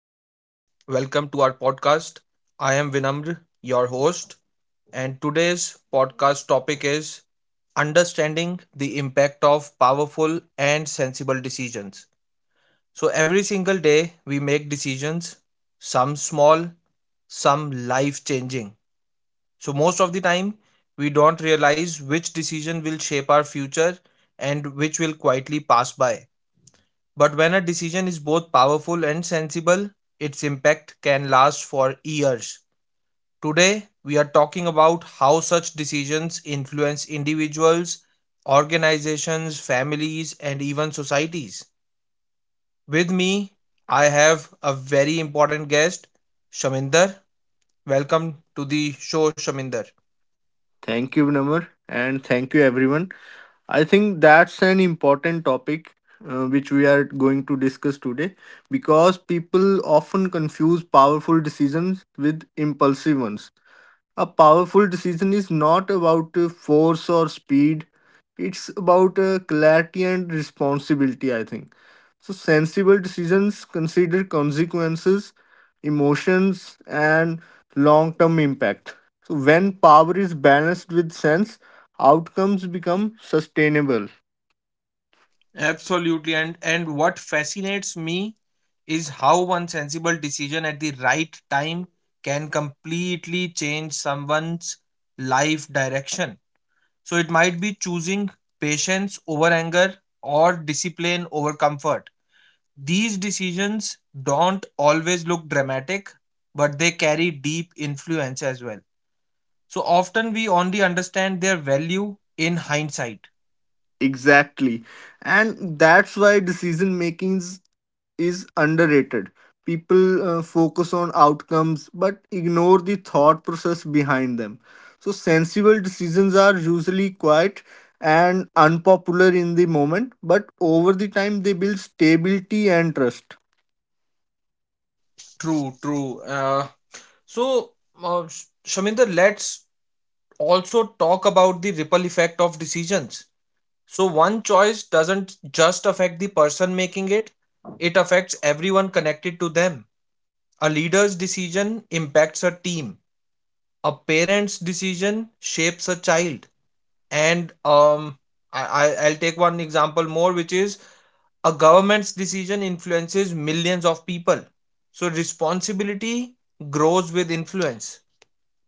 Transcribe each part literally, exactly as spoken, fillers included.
Welcome to our podcast. I am Vinamr, your host, and today's podcast topic is understanding the impact of powerful and sensible decisions. So, every single day we make decisions, some small, some life changing. So, most of the time we don't realize which decision will shape our future and which will quietly pass by. But when a decision is both powerful and sensible, its impact can last for years. Today, we are talking about how such decisions influence individuals, organizations, families, and even societies. With me, I have a very important guest, Shaminder. Welcome to the show, Shaminder. Thank you, Vinamr, and thank you, everyone. I think that's an important topic uh, which we are going to discuss today because people often confuse powerful decisions with impulsive ones. A powerful decision is not about uh, force or speed, it's about uh, clarity and responsibility, I think. So sensible decisions consider consequences, emotions, and long-term impact. So when power is balanced with sense, outcomes become sustainable. Absolutely. And and what fascinates me is how one sensible decision at the right time can completely change someone's life direction. So it might be choosing patience over anger or discipline over comfort. These decisions don't always look dramatic, but they carry deep influence as well. So often we only understand their value in hindsight. Exactly. And that's why decision making is underrated. People uh, focus on outcomes but ignore the thought process behind them. So, sensible decisions are usually quiet and unpopular in the moment, but over the time they build stability and trust. True, true. Uh, So, uh, Sh- Shaminder, let's also talk about the ripple effect of decisions. So, one choice doesn't just affect the person making it, it affects everyone connected to them. A leader's decision impacts a team, a parent's decision shapes a child. And um, I, I- I'll take one example more, which is a government's decision influences millions of people. So, responsibility grows with influence.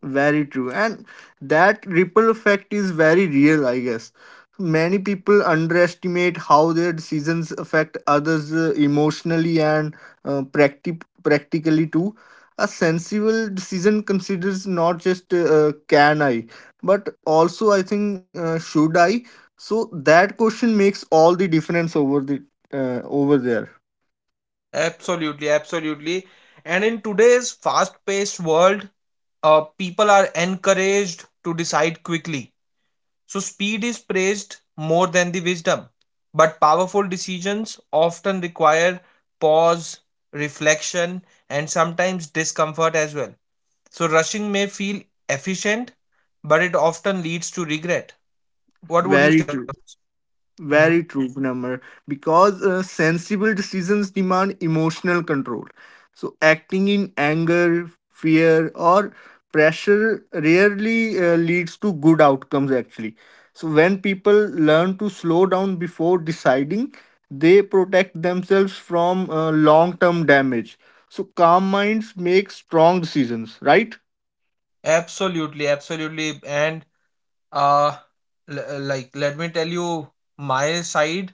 Very true. And that ripple effect is very real, I guess. Many people underestimate how their decisions affect others uh, emotionally and uh, practi- practically too. A sensible decision considers not just uh, uh, can I, but also I think uh, should I. So that question makes all the difference over the uh, over there. Absolutely, absolutely. And in today's fast paced world, uh, people are encouraged to decide quickly. So, speed is praised more than the wisdom. But powerful decisions often require pause, reflection, and sometimes discomfort as well. So, rushing may feel efficient, but it often leads to regret. What would you Very say on true. this? Hmm. Very true, number. Because uh, sensible decisions demand emotional control. So acting in anger, fear, or pressure rarely uh, leads to good outcomes, actually. So when people learn to slow down before deciding, they protect themselves from uh, long term damage. So calm minds make strong decisions, right? Absolutely, absolutely. And uh l- uh, like let me tell you my side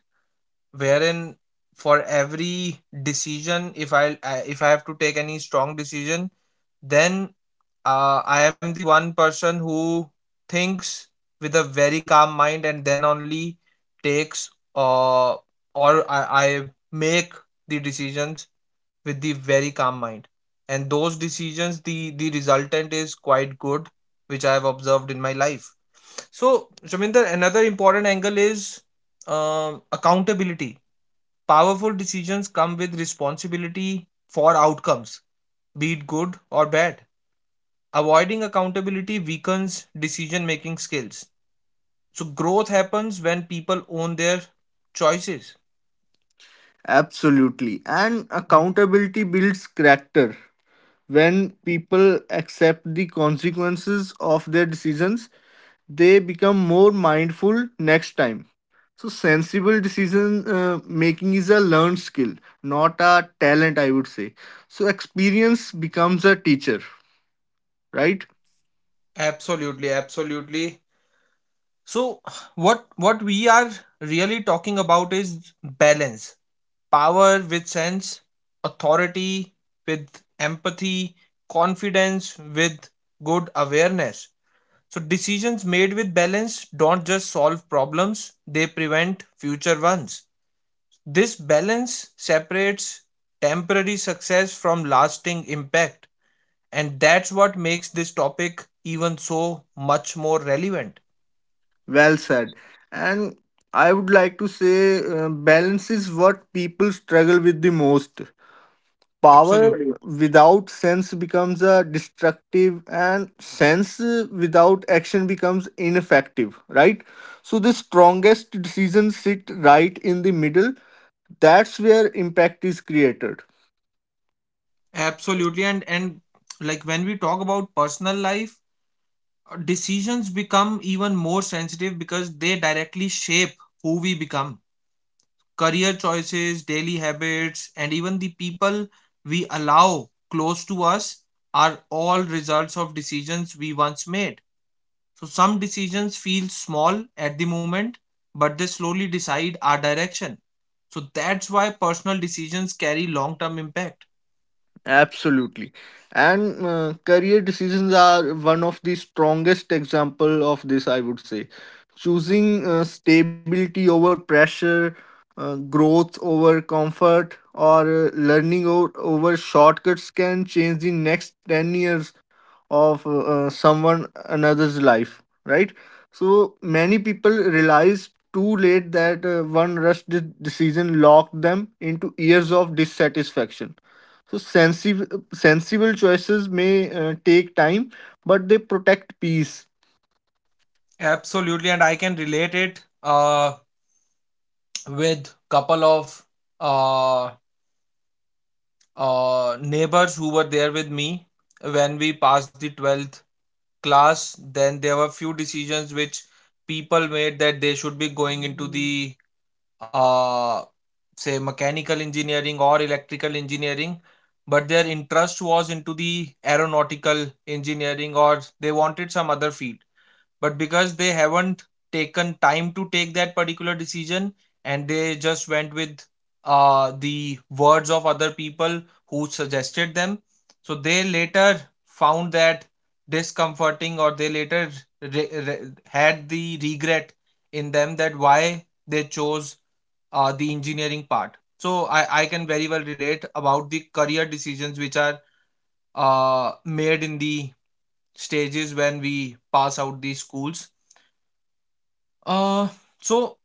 wherein for every decision if i I- if I have to take any strong decision then uh, I am the one person who thinks with a very calm mind and then only takes uh, or I, I make the decisions with the very calm mind and those decisions the the resultant is quite good which I have observed in my life so Shaminder, another important angle is um, accountability. Powerful decisions come with responsibility for outcomes, be it good or bad. Avoiding accountability weakens decision making skills, so growth happens when people own their choices. Absolutely. And accountability builds character. When people accept the consequences of their decisions, they become more mindful next time. So, sensible decision uh, making is a learned skill, not a talent, I would say. So, experience becomes a teacher, right? Absolutely, absolutely. So what what we are really talking about is balance. Power with sense, authority with empathy, confidence with good awareness. So decisions made with balance don't just solve problems, they prevent future ones. This balance separates temporary success from lasting impact, and that's what makes this topic even so much more relevant. Well said. And I would like to say uh, balance is what people struggle with the most. Power Absolutely without sense becomes a destructive, and sense uh, without action becomes ineffective, right? So the true. strongest decisions sit right in the middle. That's where impact is created. Absolutely. And and like when we talk about personal life, uh, decisions become even more sensitive because they directly shape who we become. Career choices, daily habits, and even the people we allow close to us are all results of decisions we once made. So some decisions feel small at the moment, but they slowly decide our direction. So that's why personal decisions carry long-term impact. Absolutely. And uh, career decisions are one of the strongest example of this, I would say. Choosing uh, stability over pressure, uh, growth over comfort, or uh, learning o- over shortcuts can change the next ten years of uh, uh, someone another's life, right? So many people realize too late that uh, one rushed de- decision locked them into years of dissatisfaction. So sensible sensible choices may uh, take time, but they protect peace. Absolutely, and I can relate it uh, with couple of uh, uh, neighbors who were there with me when we passed the twelfth class. Then there were few decisions which people made that they should be going into the uh, say mechanical engineering or electrical engineering, but their interest was into the aeronautical engineering or they wanted some other field. But because they haven't taken time to take that particular decision and they just went with uh, the words of other people who suggested them, so they later found that discomforting, or they later re- re- had the regret in them that why they chose uh, the engineering part. So I, I can very well relate about the career decisions which are uh, made in the stages when we pass out the schools. Uh, so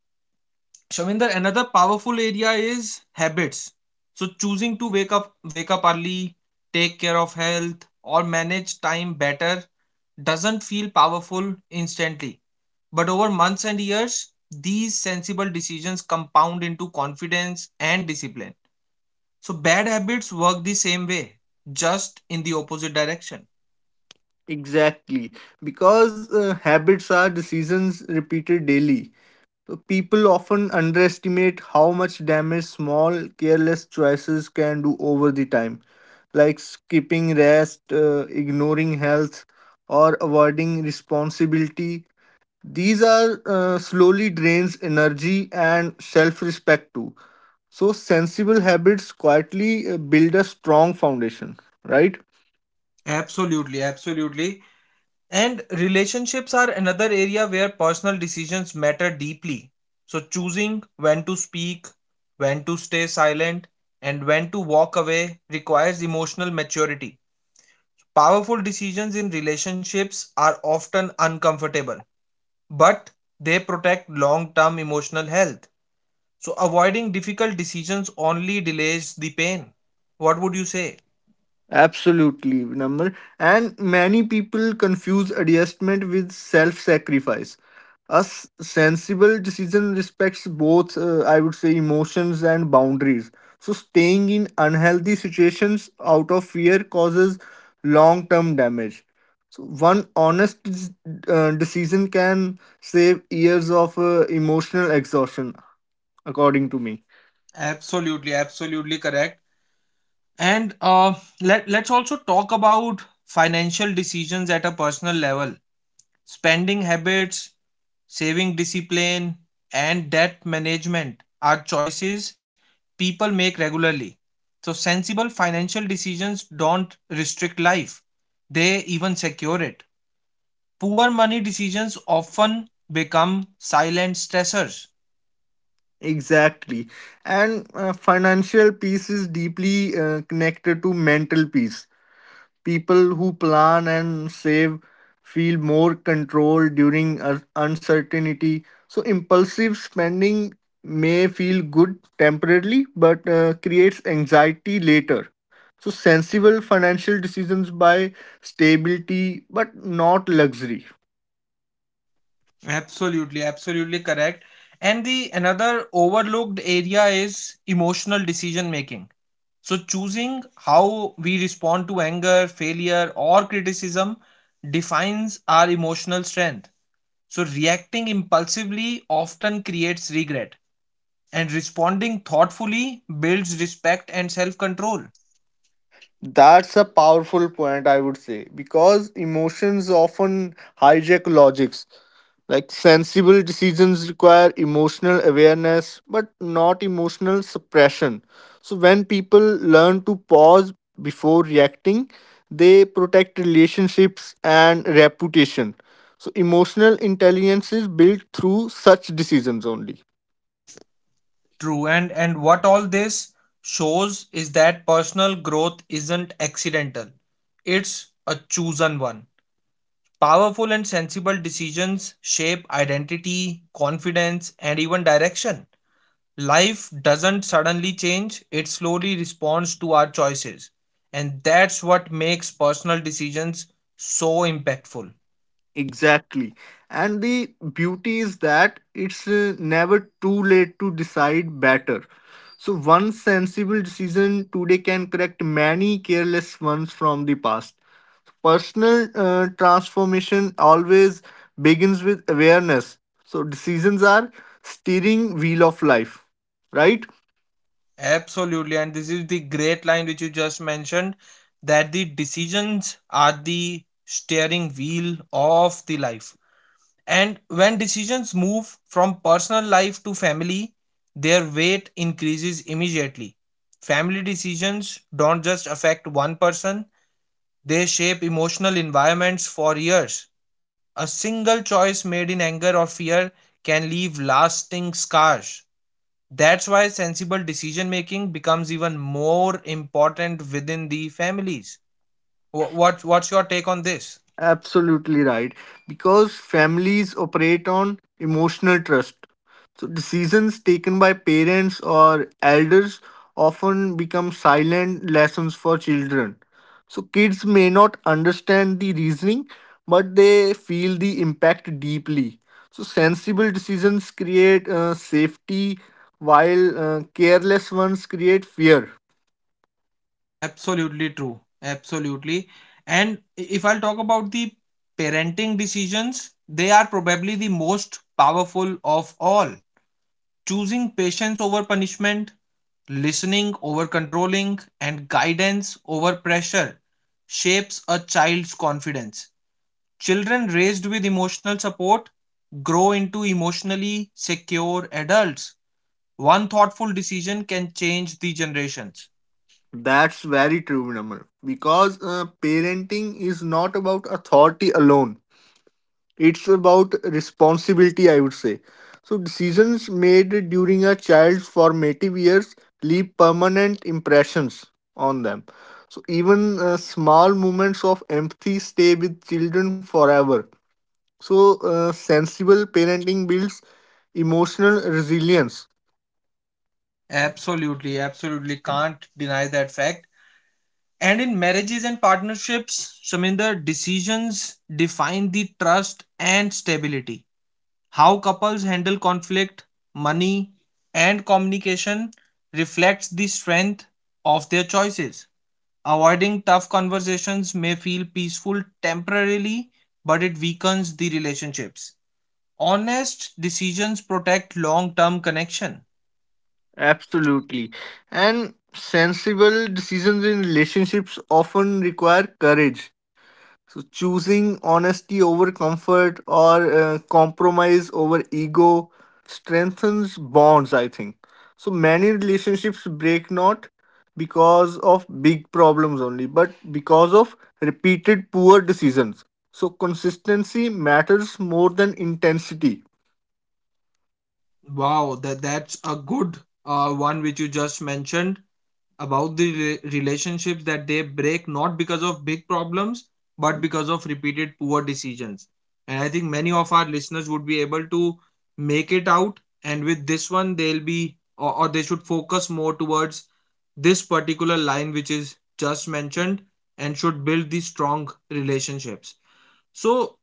Shaminder, another powerful area is habits. So choosing to wake up wake up early, take care of health, or manage time better doesn't feel powerful instantly. But over months and years, these sensible decisions compound into confidence and discipline. So bad habits work the same way, just in the opposite direction. Exactly, because uh, habits are decisions repeated daily. So people often underestimate how much damage small careless choices can do over the time, like skipping rest, uh, ignoring health, or avoiding responsibility. These are uh, slowly drains energy and self-respect too. So, sensible habits quietly uh, build a strong foundation, right? Absolutely, absolutely. And relationships are another area where personal decisions matter deeply. So, choosing when to speak, when to stay silent, and when to walk away requires emotional maturity. Powerful decisions in relationships are often uncomfortable, but they protect long term emotional health. So, avoiding difficult decisions only delays the pain. What would you say? Absolutely, number. And many people confuse adjustment with self sacrifice. A s- sensible decision respects both, uh, I would say, emotions and boundaries. So, staying in unhealthy situations out of fear causes long term damage. So, one honest dec- uh, decision can save years of uh, emotional exhaustion, according to me. Absolutely, absolutely correct. And uh, let, let's also talk about financial decisions at a personal level, spending habits, saving discipline, and debt management are choices people make regularly. So, sensible financial decisions don't restrict life, they even secure it. Poor money decisions often become silent stressors. Exactly. And uh, financial peace is deeply uh, connected to mental peace. People who plan and save feel more control during un- uncertainty. So, impulsive spending may feel good temporarily but uh, creates anxiety later. So, sensible financial decisions by stability but not luxury. Absolutely, absolutely correct. And the another overlooked area is emotional decision making. So, choosing how we respond to anger, failure, or criticism defines our emotional strength. So, reacting impulsively often creates regret, and responding thoughtfully builds respect and self control. That's a powerful point, I would say, because emotions often hijack logics. Like sensible decisions require emotional awareness, but not emotional suppression. So, when people learn to pause before reacting, they protect relationships and reputation. So, emotional intelligence is built through such decisions only. True, and, and what all this shows is that personal growth isn't accidental, it's a chosen one. Powerful and sensible decisions shape identity, confidence, and even direction. Life doesn't suddenly change, it slowly responds to our choices. And that's what makes personal decisions so impactful. Exactly. And the beauty is that it's uh, never too late to decide better. So, one sensible decision today can correct many careless ones from the past. Personal uh, transformation always begins with awareness. So, decisions are steering wheel of life, right? Absolutely. And this is the great line which you just mentioned, that the decisions are the steering wheel of the life. And when decisions move from personal life to family, their weight increases immediately. Family decisions don't just affect one person, they shape emotional environments for years. A single choice made in anger or fear can leave lasting scars. That's why sensible decision making becomes even more important within the families. Wh- What, what's your take on this? Absolutely right. Because families operate on emotional trust. So Right. decisions taken by parents or elders often become silent lessons for children. So kids may not understand the reasoning, but they feel the impact deeply. So sensible decisions create uh, safety, while uh, careless ones create fear. Absolutely true. Absolutely. And i- if I'll talk about the parenting decisions, they are probably the most powerful of all. Choosing patience over punishment, listening over controlling, and guidance over pressure shapes a child's confidence. Children raised with emotional support grow into emotionally secure adults. One thoughtful decision can change the generations. That's very true, Namr. Because uh, parenting is not about authority alone. It's about responsibility, I would say. So decisions made during a child's formative years leave permanent impressions on them. So even uh, small moments of empathy stay with children forever. So uh, sensible parenting builds emotional resilience. Absolutely, absolutely, can't deny that fact. And in marriages and partnerships, Shaminder, decisions define the trust and stability. How couples handle conflict, money, and communication reflects the strength of their choices. Avoiding tough conversations may feel peaceful temporarily, but it weakens the relationships. Honest decisions protect long term connection. Absolutely. And sensible decisions in relationships often require courage. So, choosing honesty over comfort or uh, compromise over ego strengthens bonds, I think. So, many relationships break not because of big problems only, but because of repeated poor decisions. So, consistency matters more than intensity. Wow, that, that's a good uh, one which you just mentioned about the rela- relationships, that they break not because of big problems but because of repeated poor decisions. And I think many of our listeners would be able to make it out, and with this one they'll be, or, or they should focus more towards this particular line which is just mentioned and should build these strong relationships. So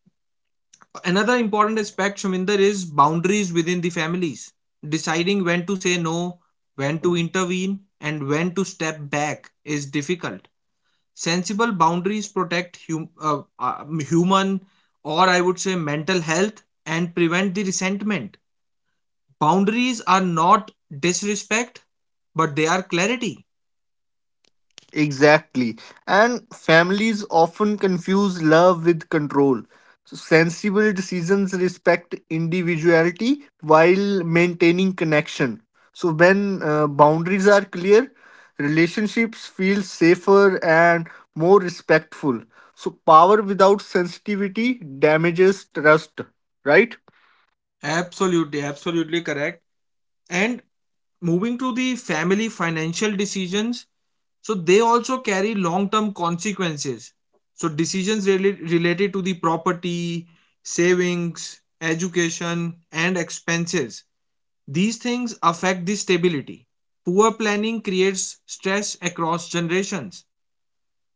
another important aspect, Shuminder, is boundaries within the families. Deciding when to say no, when to intervene, and when to step back is difficult. Sensible boundaries protect hum- uh, uh, human, or I would say mental health, and prevent the resentment. Boundaries are not disrespect, but they are clarity. Exactly. And families often confuse love with control. So sensible decisions respect individuality while maintaining connection. So when uh, boundaries are clear, relationships feel safer and more respectful. So power without sensitivity damages trust, right? Absolutely, absolutely correct. And moving to the family financial decisions, so they also carry long-term consequences. So decisions rela- related to the property, savings, education, and expenses. These things affect the stability. Poor planning creates stress across generations.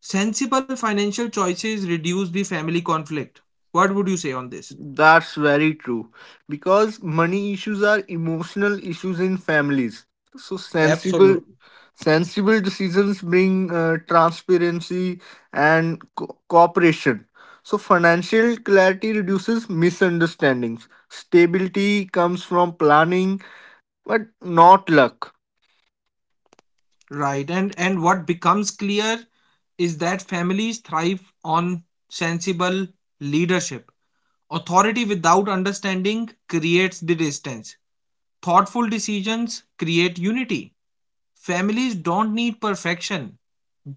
Sensible financial choices reduce the family conflict. What would you say on this? That's very true. Because money issues are emotional issues in families. So sensible Absolutely. sensible decisions bring uh, transparency and co- cooperation. So financial clarity reduces misunderstandings. Stability comes from planning but not luck. Right. And and what becomes clear is that families thrive on sensible leadership. Authority without understanding creates the distance. Thoughtful decisions create unity. Families don't need perfection,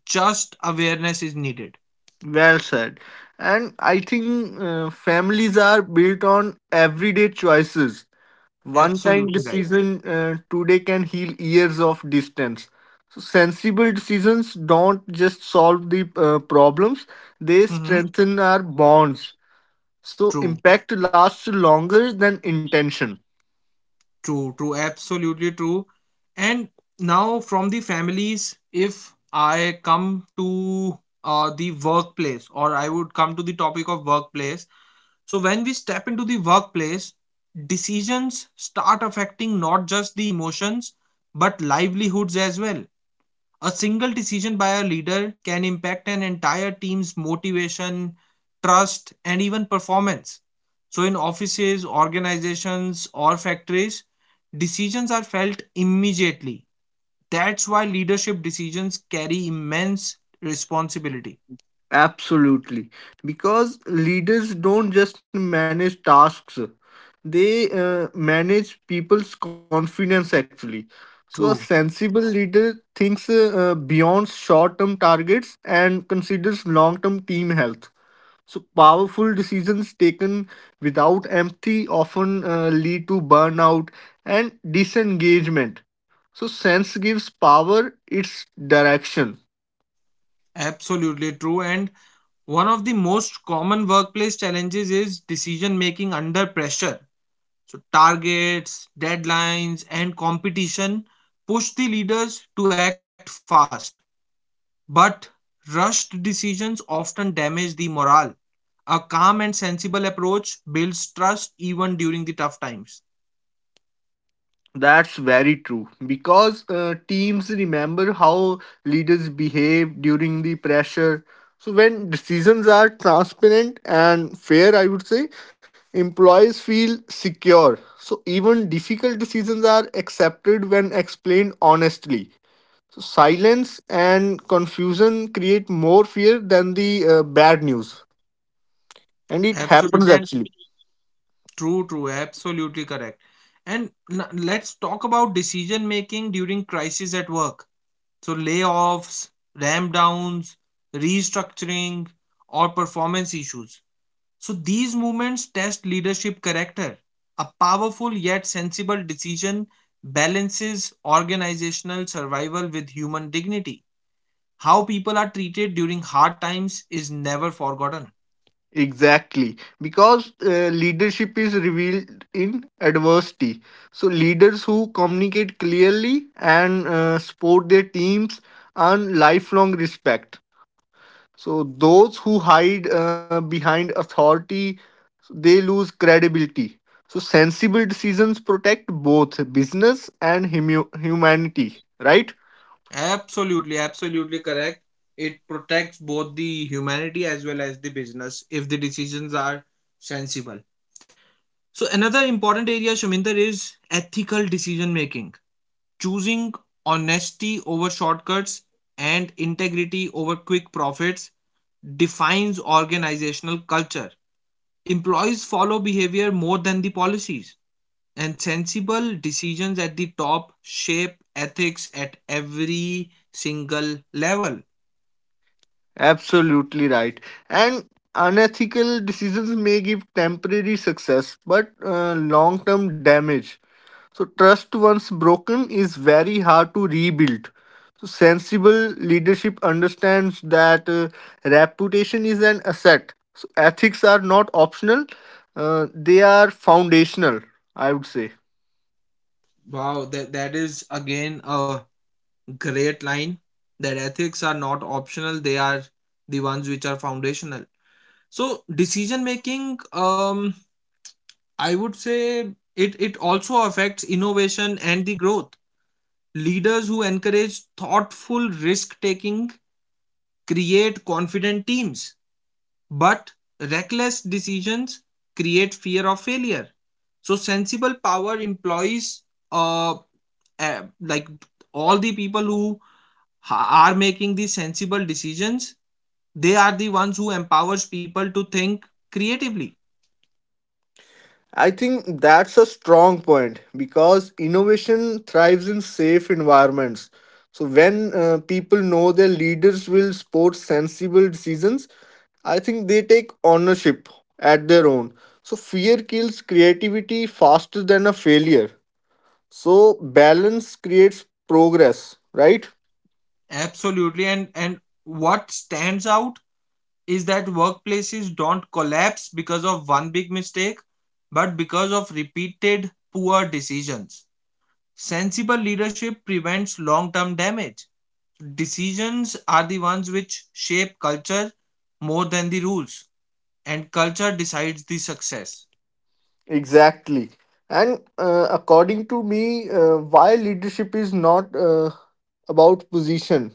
just awareness is needed. Well said. And I think uh, families are built on everyday choices. One kind Absolutely right. decision uh, today can heal years of distance. So sensible decisions don't just solve the uh, problems, they Hmm. strengthen our bonds. So True. impact lasts longer than intention. True, true, absolutely true. And now from the families, if I come to uh, the workplace, or I would come to the topic of workplace. So when we step into the workplace, decisions start affecting not just the emotions but livelihoods as well. A single decision by a leader can impact an entire team's motivation, trust, and even performance. So, in offices, organizations, or factories, decisions are felt immediately. That's why leadership decisions carry immense responsibility. Absolutely. Because leaders don't just manage tasks, they uh, manage people's confidence actually. So, a True. sensible leader thinks uh, uh, beyond short term targets and considers long term team health. So, powerful decisions taken without empathy often uh, lead to burnout and disengagement. So, sense gives power its direction. Absolutely true. And one of the most common workplace challenges is decision making under pressure. So, targets, deadlines, and competition push the leaders to act fast. But rushed decisions often damage the morale. A calm and sensible approach builds trust even during the tough times. That's very true because uh, teams remember how leaders behave during the pressure. So, when decisions are transparent and fair, I would say employees feel secure. So, even difficult decisions are accepted when explained honestly. So, silence and confusion create more fear than the uh, bad news, and it happens Absolutely, and actually. true, true, absolutely correct. And n- let's talk about decision making during crisis at work. So, layoffs, ram downs, restructuring, or performance issues. So these movements test leadership character. A powerful yet sensible decision balances organizational survival with human dignity. How people are treated during hard times is never forgotten. Exactly, because uh, leadership is revealed in adversity. So, leaders who communicate clearly and uh, support their teams earn lifelong respect. So, those who hide uh, behind authority, they lose credibility. So, sensible decisions protect both business and humu- humanity, right? Absolutely, absolutely correct. It protects both the humanity as well as the business if the decisions are sensible. So another important area, Shaminder, is ethical decision making. Choosing honesty over shortcuts and integrity over quick profits defines organizational culture. Employees follow behavior more than the policies, and sensible decisions at the top shape ethics at every single level. Absolutely right. And unethical decisions may give temporary success, but uh, long term damage. So, trust once broken is very hard to rebuild. So, sensible leadership understands that uh, reputation is an asset. So, ethics are not optional, uh, they are foundational, I would say. Wow, that, that is again a great line that ethics are not optional, they are the ones which are foundational. So, decision making, um, I would say it, it also affects innovation and the growth. Leaders who encourage thoughtful risk taking create confident teams, but reckless decisions create fear of failure. So, sensible power employs, uh, uh, like, all the people who ha- are making the sensible decisions, they are the ones who empowers people to think creatively. I think that's a strong point because innovation thrives in safe environments. So when uh, people know their leaders will support sensible decisions, I think they take ownership at their own. So fear kills creativity faster than a failure. So balance creates progress, right? Absolutely, and and what stands out is that workplaces don't collapse because of one big mistake, but because of repeated poor decisions. Sensible leadership prevents long term damage. Decisions are the ones which shape culture more than the rules, and culture decides the success. Exactly. And uh, according to me, uh, why leadership is not uh, about position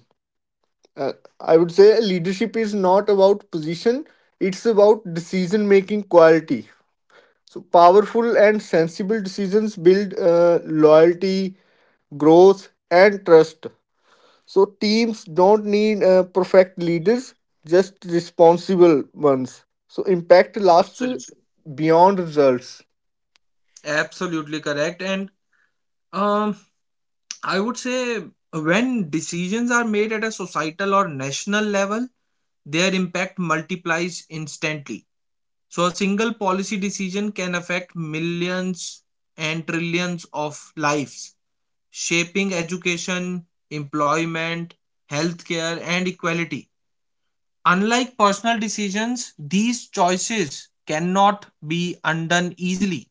uh, I would say leadership is not about position, it's about decision making quality. So, powerful and sensible decisions build uh, loyalty, growth, and trust. So, teams don't need uh, perfect leaders, just responsible ones. So, impact lasts Absolutely. beyond results. Absolutely correct. And um, I would say when decisions are made at a societal or national level, their impact multiplies instantly. So a single policy decision can affect millions and trillions of lives, shaping education, employment, healthcare, and equality. Unlike personal decisions, these choices cannot be undone easily.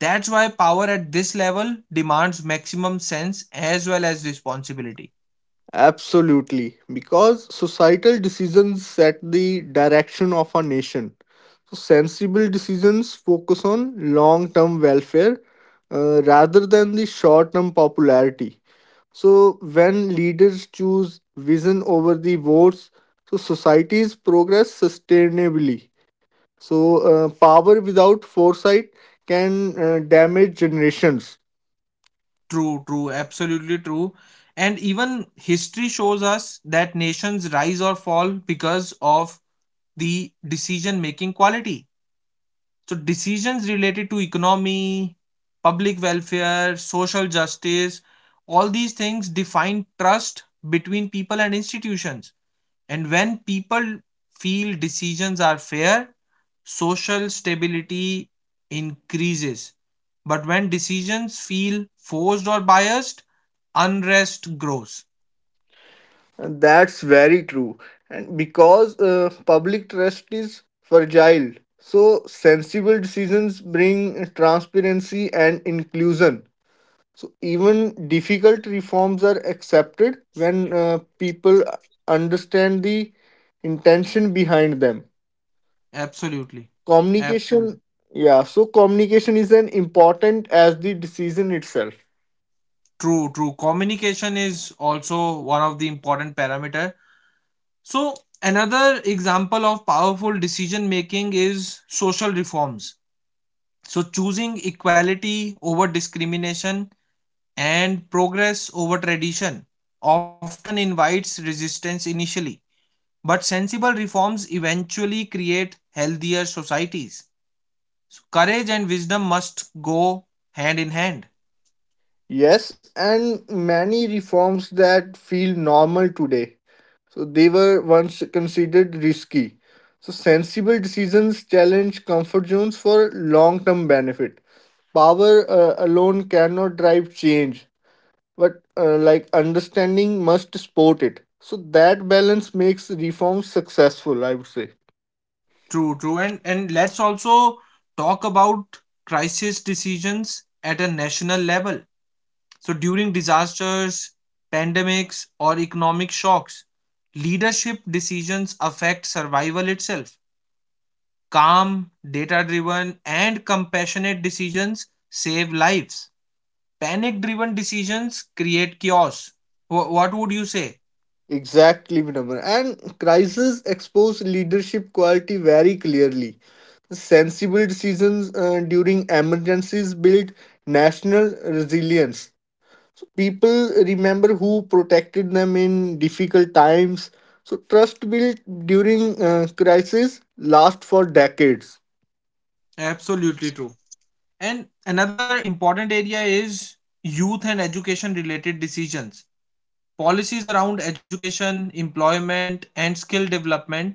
That's why power at this level demands maximum sense as well as responsibility. Absolutely, because societal decisions set the direction of a nation. So, sensible decisions focus on long term welfare uh, rather than the short term popularity. So, when leaders choose vision over the votes, so societies progress sustainably. So, uh, power without foresight can uh, damage generations. True, true, absolutely true. And even history shows us that nations rise or fall because of the decision making quality. So, decisions related to economy, public welfare, social justice, all these things define trust between people and institutions. And when people feel decisions are fair, social stability increases. But when decisions feel forced or biased, unrest grows. That's very true. And because uh, public trust is fragile, so sensible decisions bring transparency and inclusion. So even difficult reforms are accepted when uh, people understand the intention behind them. Absolutely. Absolutely. Communication, yeah, so communication is as important as the decision itself. True, true. Communication is also one of the important parameter. So another example of powerful decision making is social reforms. So choosing equality over discrimination and progress over tradition often invites resistance initially, but sensible reforms eventually create healthier societies. So courage and wisdom must go hand in hand. Yes, and many reforms that feel normal today. So they were once considered risky. So sensible decisions challenge comfort zones for long term benefit. Power uh, alone cannot drive change, but uh, like understanding must support it. So that balance makes reforms successful, I would say. True, true. And and let's also talk about crisis decisions at a national level. So during disasters, pandemics, or economic shocks, leadership decisions affect survival itself. Calm, data-driven, and compassionate decisions save lives. Panic-driven decisions create chaos. Wh- What would you say? Exactly, Vinamra. And crises expose leadership quality very clearly. Sensible decisions uh, during emergencies build national resilience. So people remember who protected them in difficult times. So trust built during uh, crisis lasts for decades. Absolutely true. And another important area is youth and education related decisions. Policies around education, employment, and skill development,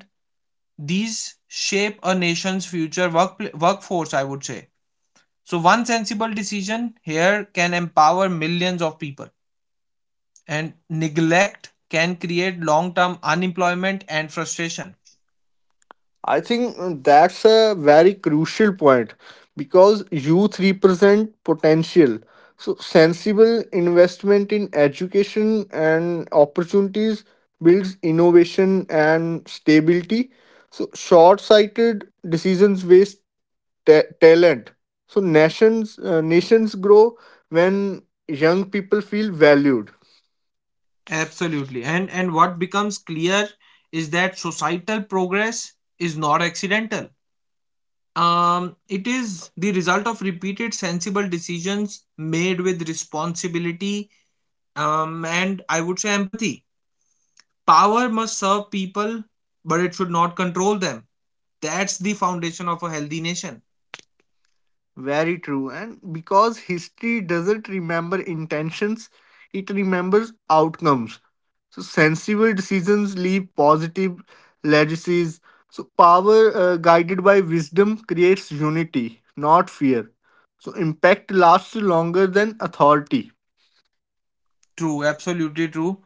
these shape a nation's future work, workforce, I would say. So, one sensible decision here can empower millions of people, and neglect can create long term unemployment and frustration. I think uh, that's a very crucial point because youth represent potential. So, sensible investment in education and opportunities builds innovation and stability. So, short sighted decisions waste ta- talent. So, nations, uh, nations grow when young people feel valued. Absolutely. And, and what becomes clear is that societal progress is not accidental, um, it is the result of repeated sensible decisions made with responsibility, um, and I would say empathy. Power must serve people, but it should not control them. That's the foundation of a healthy nation. Very true. And because history doesn't remember intentions, it remembers outcomes. So sensible decisions leave positive legacies. So power uh, guided by wisdom creates unity, not fear. So impact lasts longer than authority. True, absolutely true.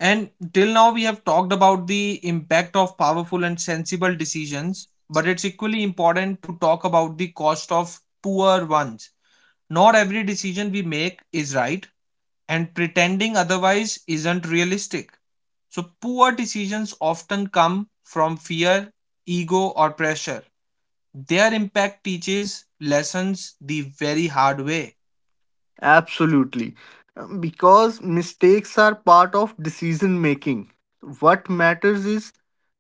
And till now, we have talked about the impact of powerful and sensible decisions, but it's equally important to talk about the cost of poor ones. Not every decision we make is right, and pretending otherwise isn't realistic. So, poor decisions often come from fear, ego, or pressure. Their impact teaches lessons the very hard way. Absolutely. Um, Because mistakes are part of decision making. What matters is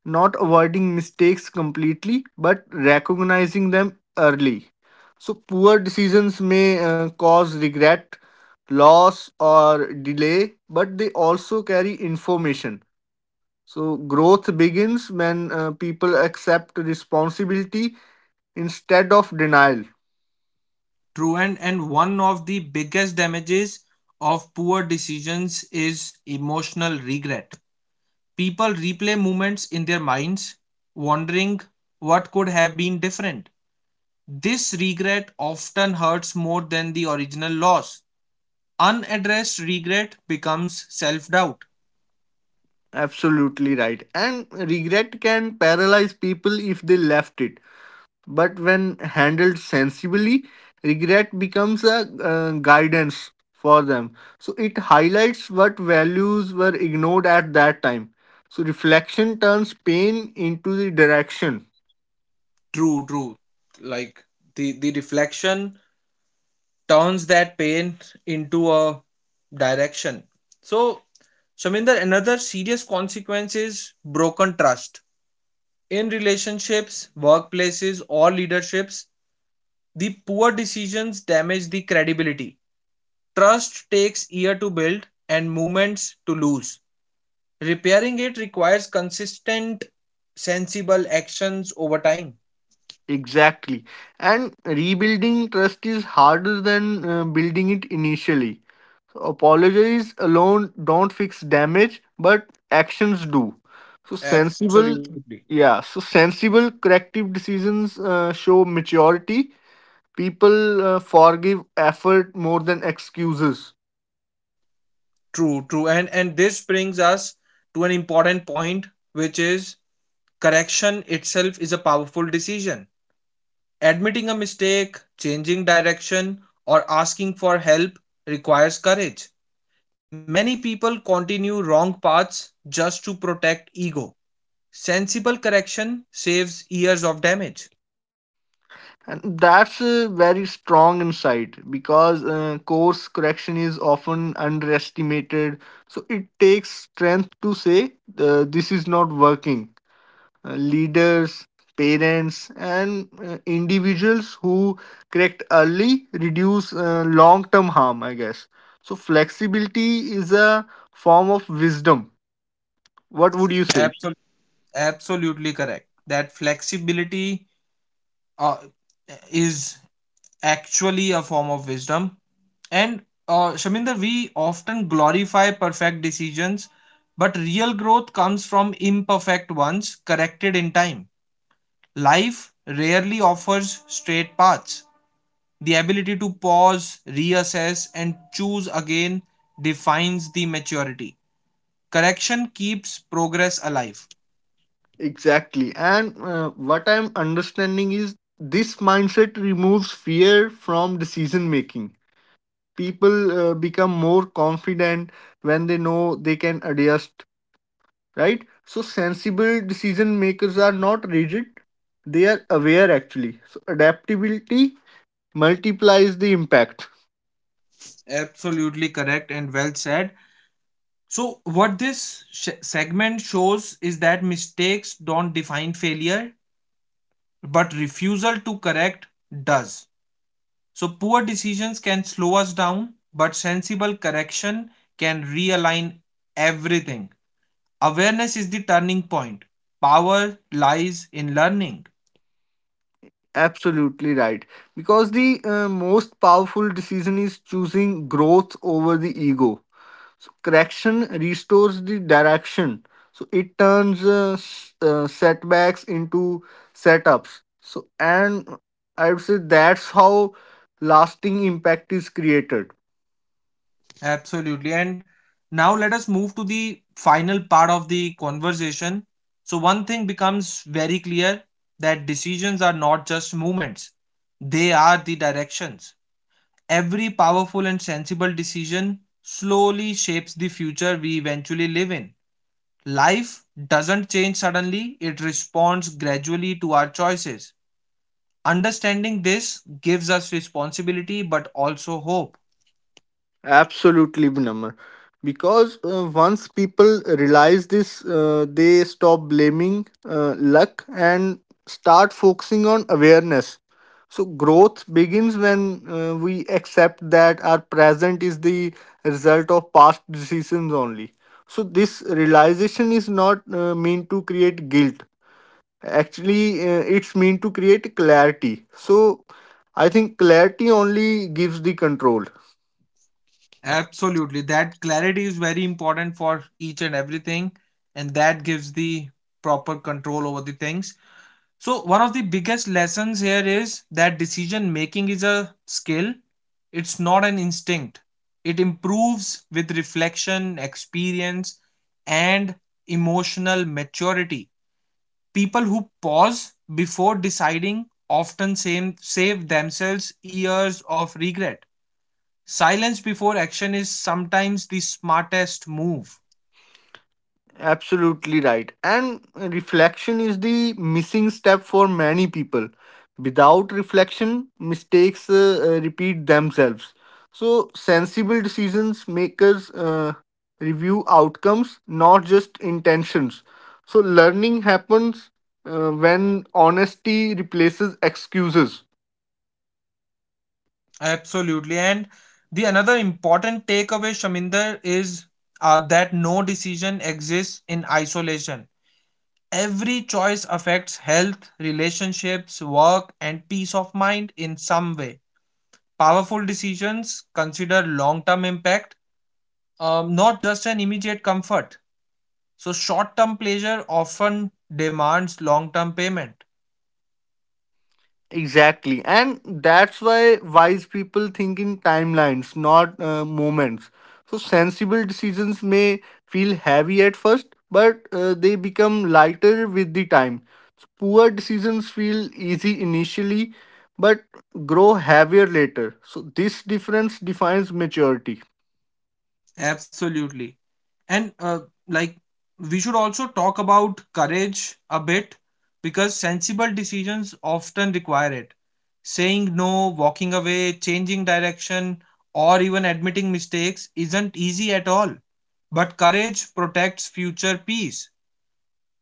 not avoiding mistakes completely, but recognizing them early. So, poor decisions may uh, cause regret, loss, or delay, but they also carry information. So, growth begins when uh, people accept responsibility instead of denial. True, and, and one of the biggest damages of poor decisions is emotional regret. People replay moments in their minds, wondering what could have been different. This regret often hurts more than the original loss. Unaddressed regret becomes self doubt. Absolutely right. And regret can paralyze people if they left it. But when handled sensibly, regret becomes a uh, guidance for them. So it highlights what values were ignored at that time. So reflection turns pain into the direction. True, true. Like the, the reflection turns that pain into a direction. So, Shaminder, another serious consequence is broken trust. In relationships, workplaces, or leaderships, the poor decisions damage the credibility. Trust takes years to build and moments to lose. Repairing it requires consistent, sensible actions over time. Exactly. And rebuilding trust is harder than uh, building it initially. So apologies alone don't fix damage, but actions do. So sensible, Absolutely. yeah. So sensible corrective decisions uh, show maturity. People uh, forgive effort more than excuses. True, true. And and this brings us to an important point, which is correction itself is a powerful decision. Admitting a mistake, changing direction, or asking for help requires courage. Many people continue wrong paths just to protect ego. Sensible correction saves years of damage. And that's a very strong insight because uh, course correction is often underestimated. So it takes strength to say uh, this is not working. Uh, leaders, parents, and uh, individuals who correct early reduce uh, long term harm, I guess. So flexibility is a form of wisdom. What would you say? Absol- absolutely correct. That flexibility, uh, is actually a form of wisdom. And, uh, Shaminder, we often glorify perfect decisions, but real growth comes from imperfect ones corrected in time. Life rarely offers straight paths. The ability to pause, reassess, and choose again defines the maturity. Correction keeps progress alive. Exactly. And uh, what I'm understanding is this mindset removes fear from decision making. People uh, become more confident when they know they can adjust, right? So, sensible decision makers are not rigid, they are aware actually. So, adaptability multiplies the impact. Absolutely correct and well said. So, what this sh- segment shows is that mistakes don't define failure, but refusal to correct does. So, poor decisions can slow us down, but sensible correction can realign everything. Awareness is the turning point. Power lies in learning. Absolutely right. Because the uh, most powerful decision is choosing growth over the ego. So correction restores the direction. So it turns uh, s- uh, setbacks into setups. So and I would say that's how lasting impact is created. Absolutely. And now let us move to the final part of the conversation. So, one thing becomes very clear that decisions are not just movements, they are the directions. Every powerful and sensible decision slowly shapes the future we eventually live in. Life doesn't change suddenly, it responds gradually to our choices. Understanding this gives us responsibility but also hope. Absolutely, Vinamr. Because uh, once people realize this, uh, they stop blaming uh, luck and start focusing on awareness. So, growth begins when uh, we accept that our present is the result of past decisions only. So, this realization is not uh, meant to create guilt. Actually, uh, it's meant to create clarity. So, I think clarity only gives the control. Absolutely, that clarity is very important for each and everything, and that gives the proper control over the things. So, one of the biggest lessons here is that decision making is a skill, it's not an instinct. It improves with reflection, experience, and emotional maturity. People who pause before deciding often same, save themselves years of regret. Silence before action is sometimes the smartest move. Absolutely right. And reflection is the missing step for many people. Without reflection, mistakes uh, uh, repeat themselves. So, sensible decisions makers uh, review outcomes, not just intentions. So, learning happens uh, when honesty replaces excuses. Absolutely. And the another important takeaway, Shaminder, is, uh, that no decision exists in isolation. Every choice affects health, relationships, work, and peace of mind in some way. Powerful decisions consider long term impact, um, not just an immediate comfort. So, short term pleasure often demands long term payment. Exactly, and that's why wise people think in timelines, not uh, moments. So, sensible decisions may feel heavy at first, but uh, they become lighter with the time. So, poor decisions feel easy initially, but grow heavier later. So, this difference defines maturity. Absolutely. And, uh, like, we should also talk about courage a bit because sensible decisions often require it. Saying no, walking away, changing direction, or even admitting mistakes isn't easy at all. But courage protects future peace.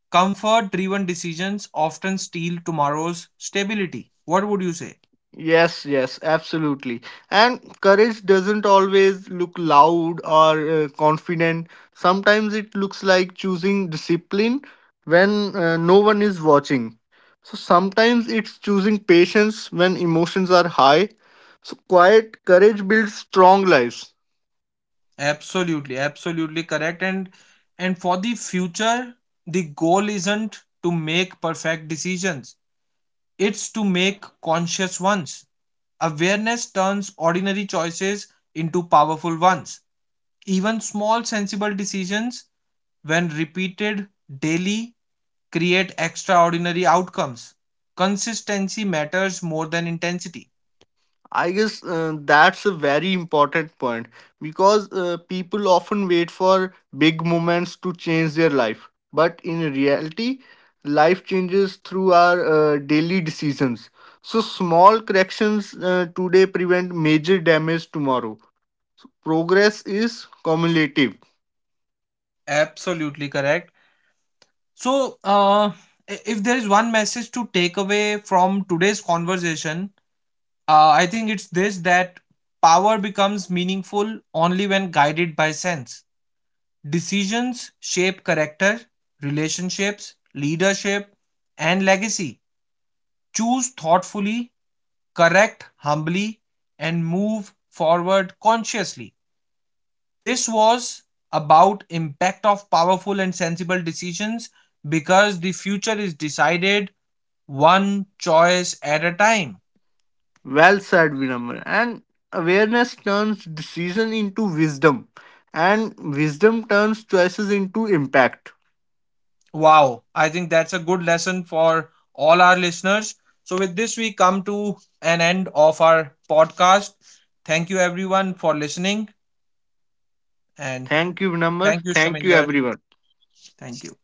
Comfort driven decisions often steal tomorrow's stability. What would you say? Yes, yes, absolutely. And courage doesn't always look loud or uh, confident. Sometimes it looks like choosing discipline when uh, no one is watching. So sometimes it's choosing patience when emotions are high. So quiet courage builds strong lives. Absolutely, absolutely correct. And and for the future, the goal isn't to make perfect decisions. It's to make conscious ones. Awareness turns ordinary choices into powerful ones. Even small sensible decisions, when repeated daily, create extraordinary outcomes. Consistency matters more than intensity. I guess uh, that's a very important point because uh, people often wait for big moments to change their life. But in reality, life changes through our uh, daily decisions. So, small corrections uh, today prevent major damage tomorrow. So, progress is cumulative. Absolutely correct. So, uh, i- if there is one message to take away from today's conversation, uh, I think it's this that power becomes meaningful only when guided by sense. Decisions shape character, relationships, leadership, and legacy. Choose thoughtfully, correct humbly, and move forward consciously. This was about impact of powerful and sensible decisions because the future is decided one choice at a time. Well said, Vinamra. And awareness turns decision into wisdom, and wisdom turns choices into impact. Wow, I think that's a good lesson for all our listeners. So, with this, we come to an end of our podcast. Thank you, everyone, for listening. And Thank you, Vinamr. thank you, Thank you, Shaminder. everyone. Thank you.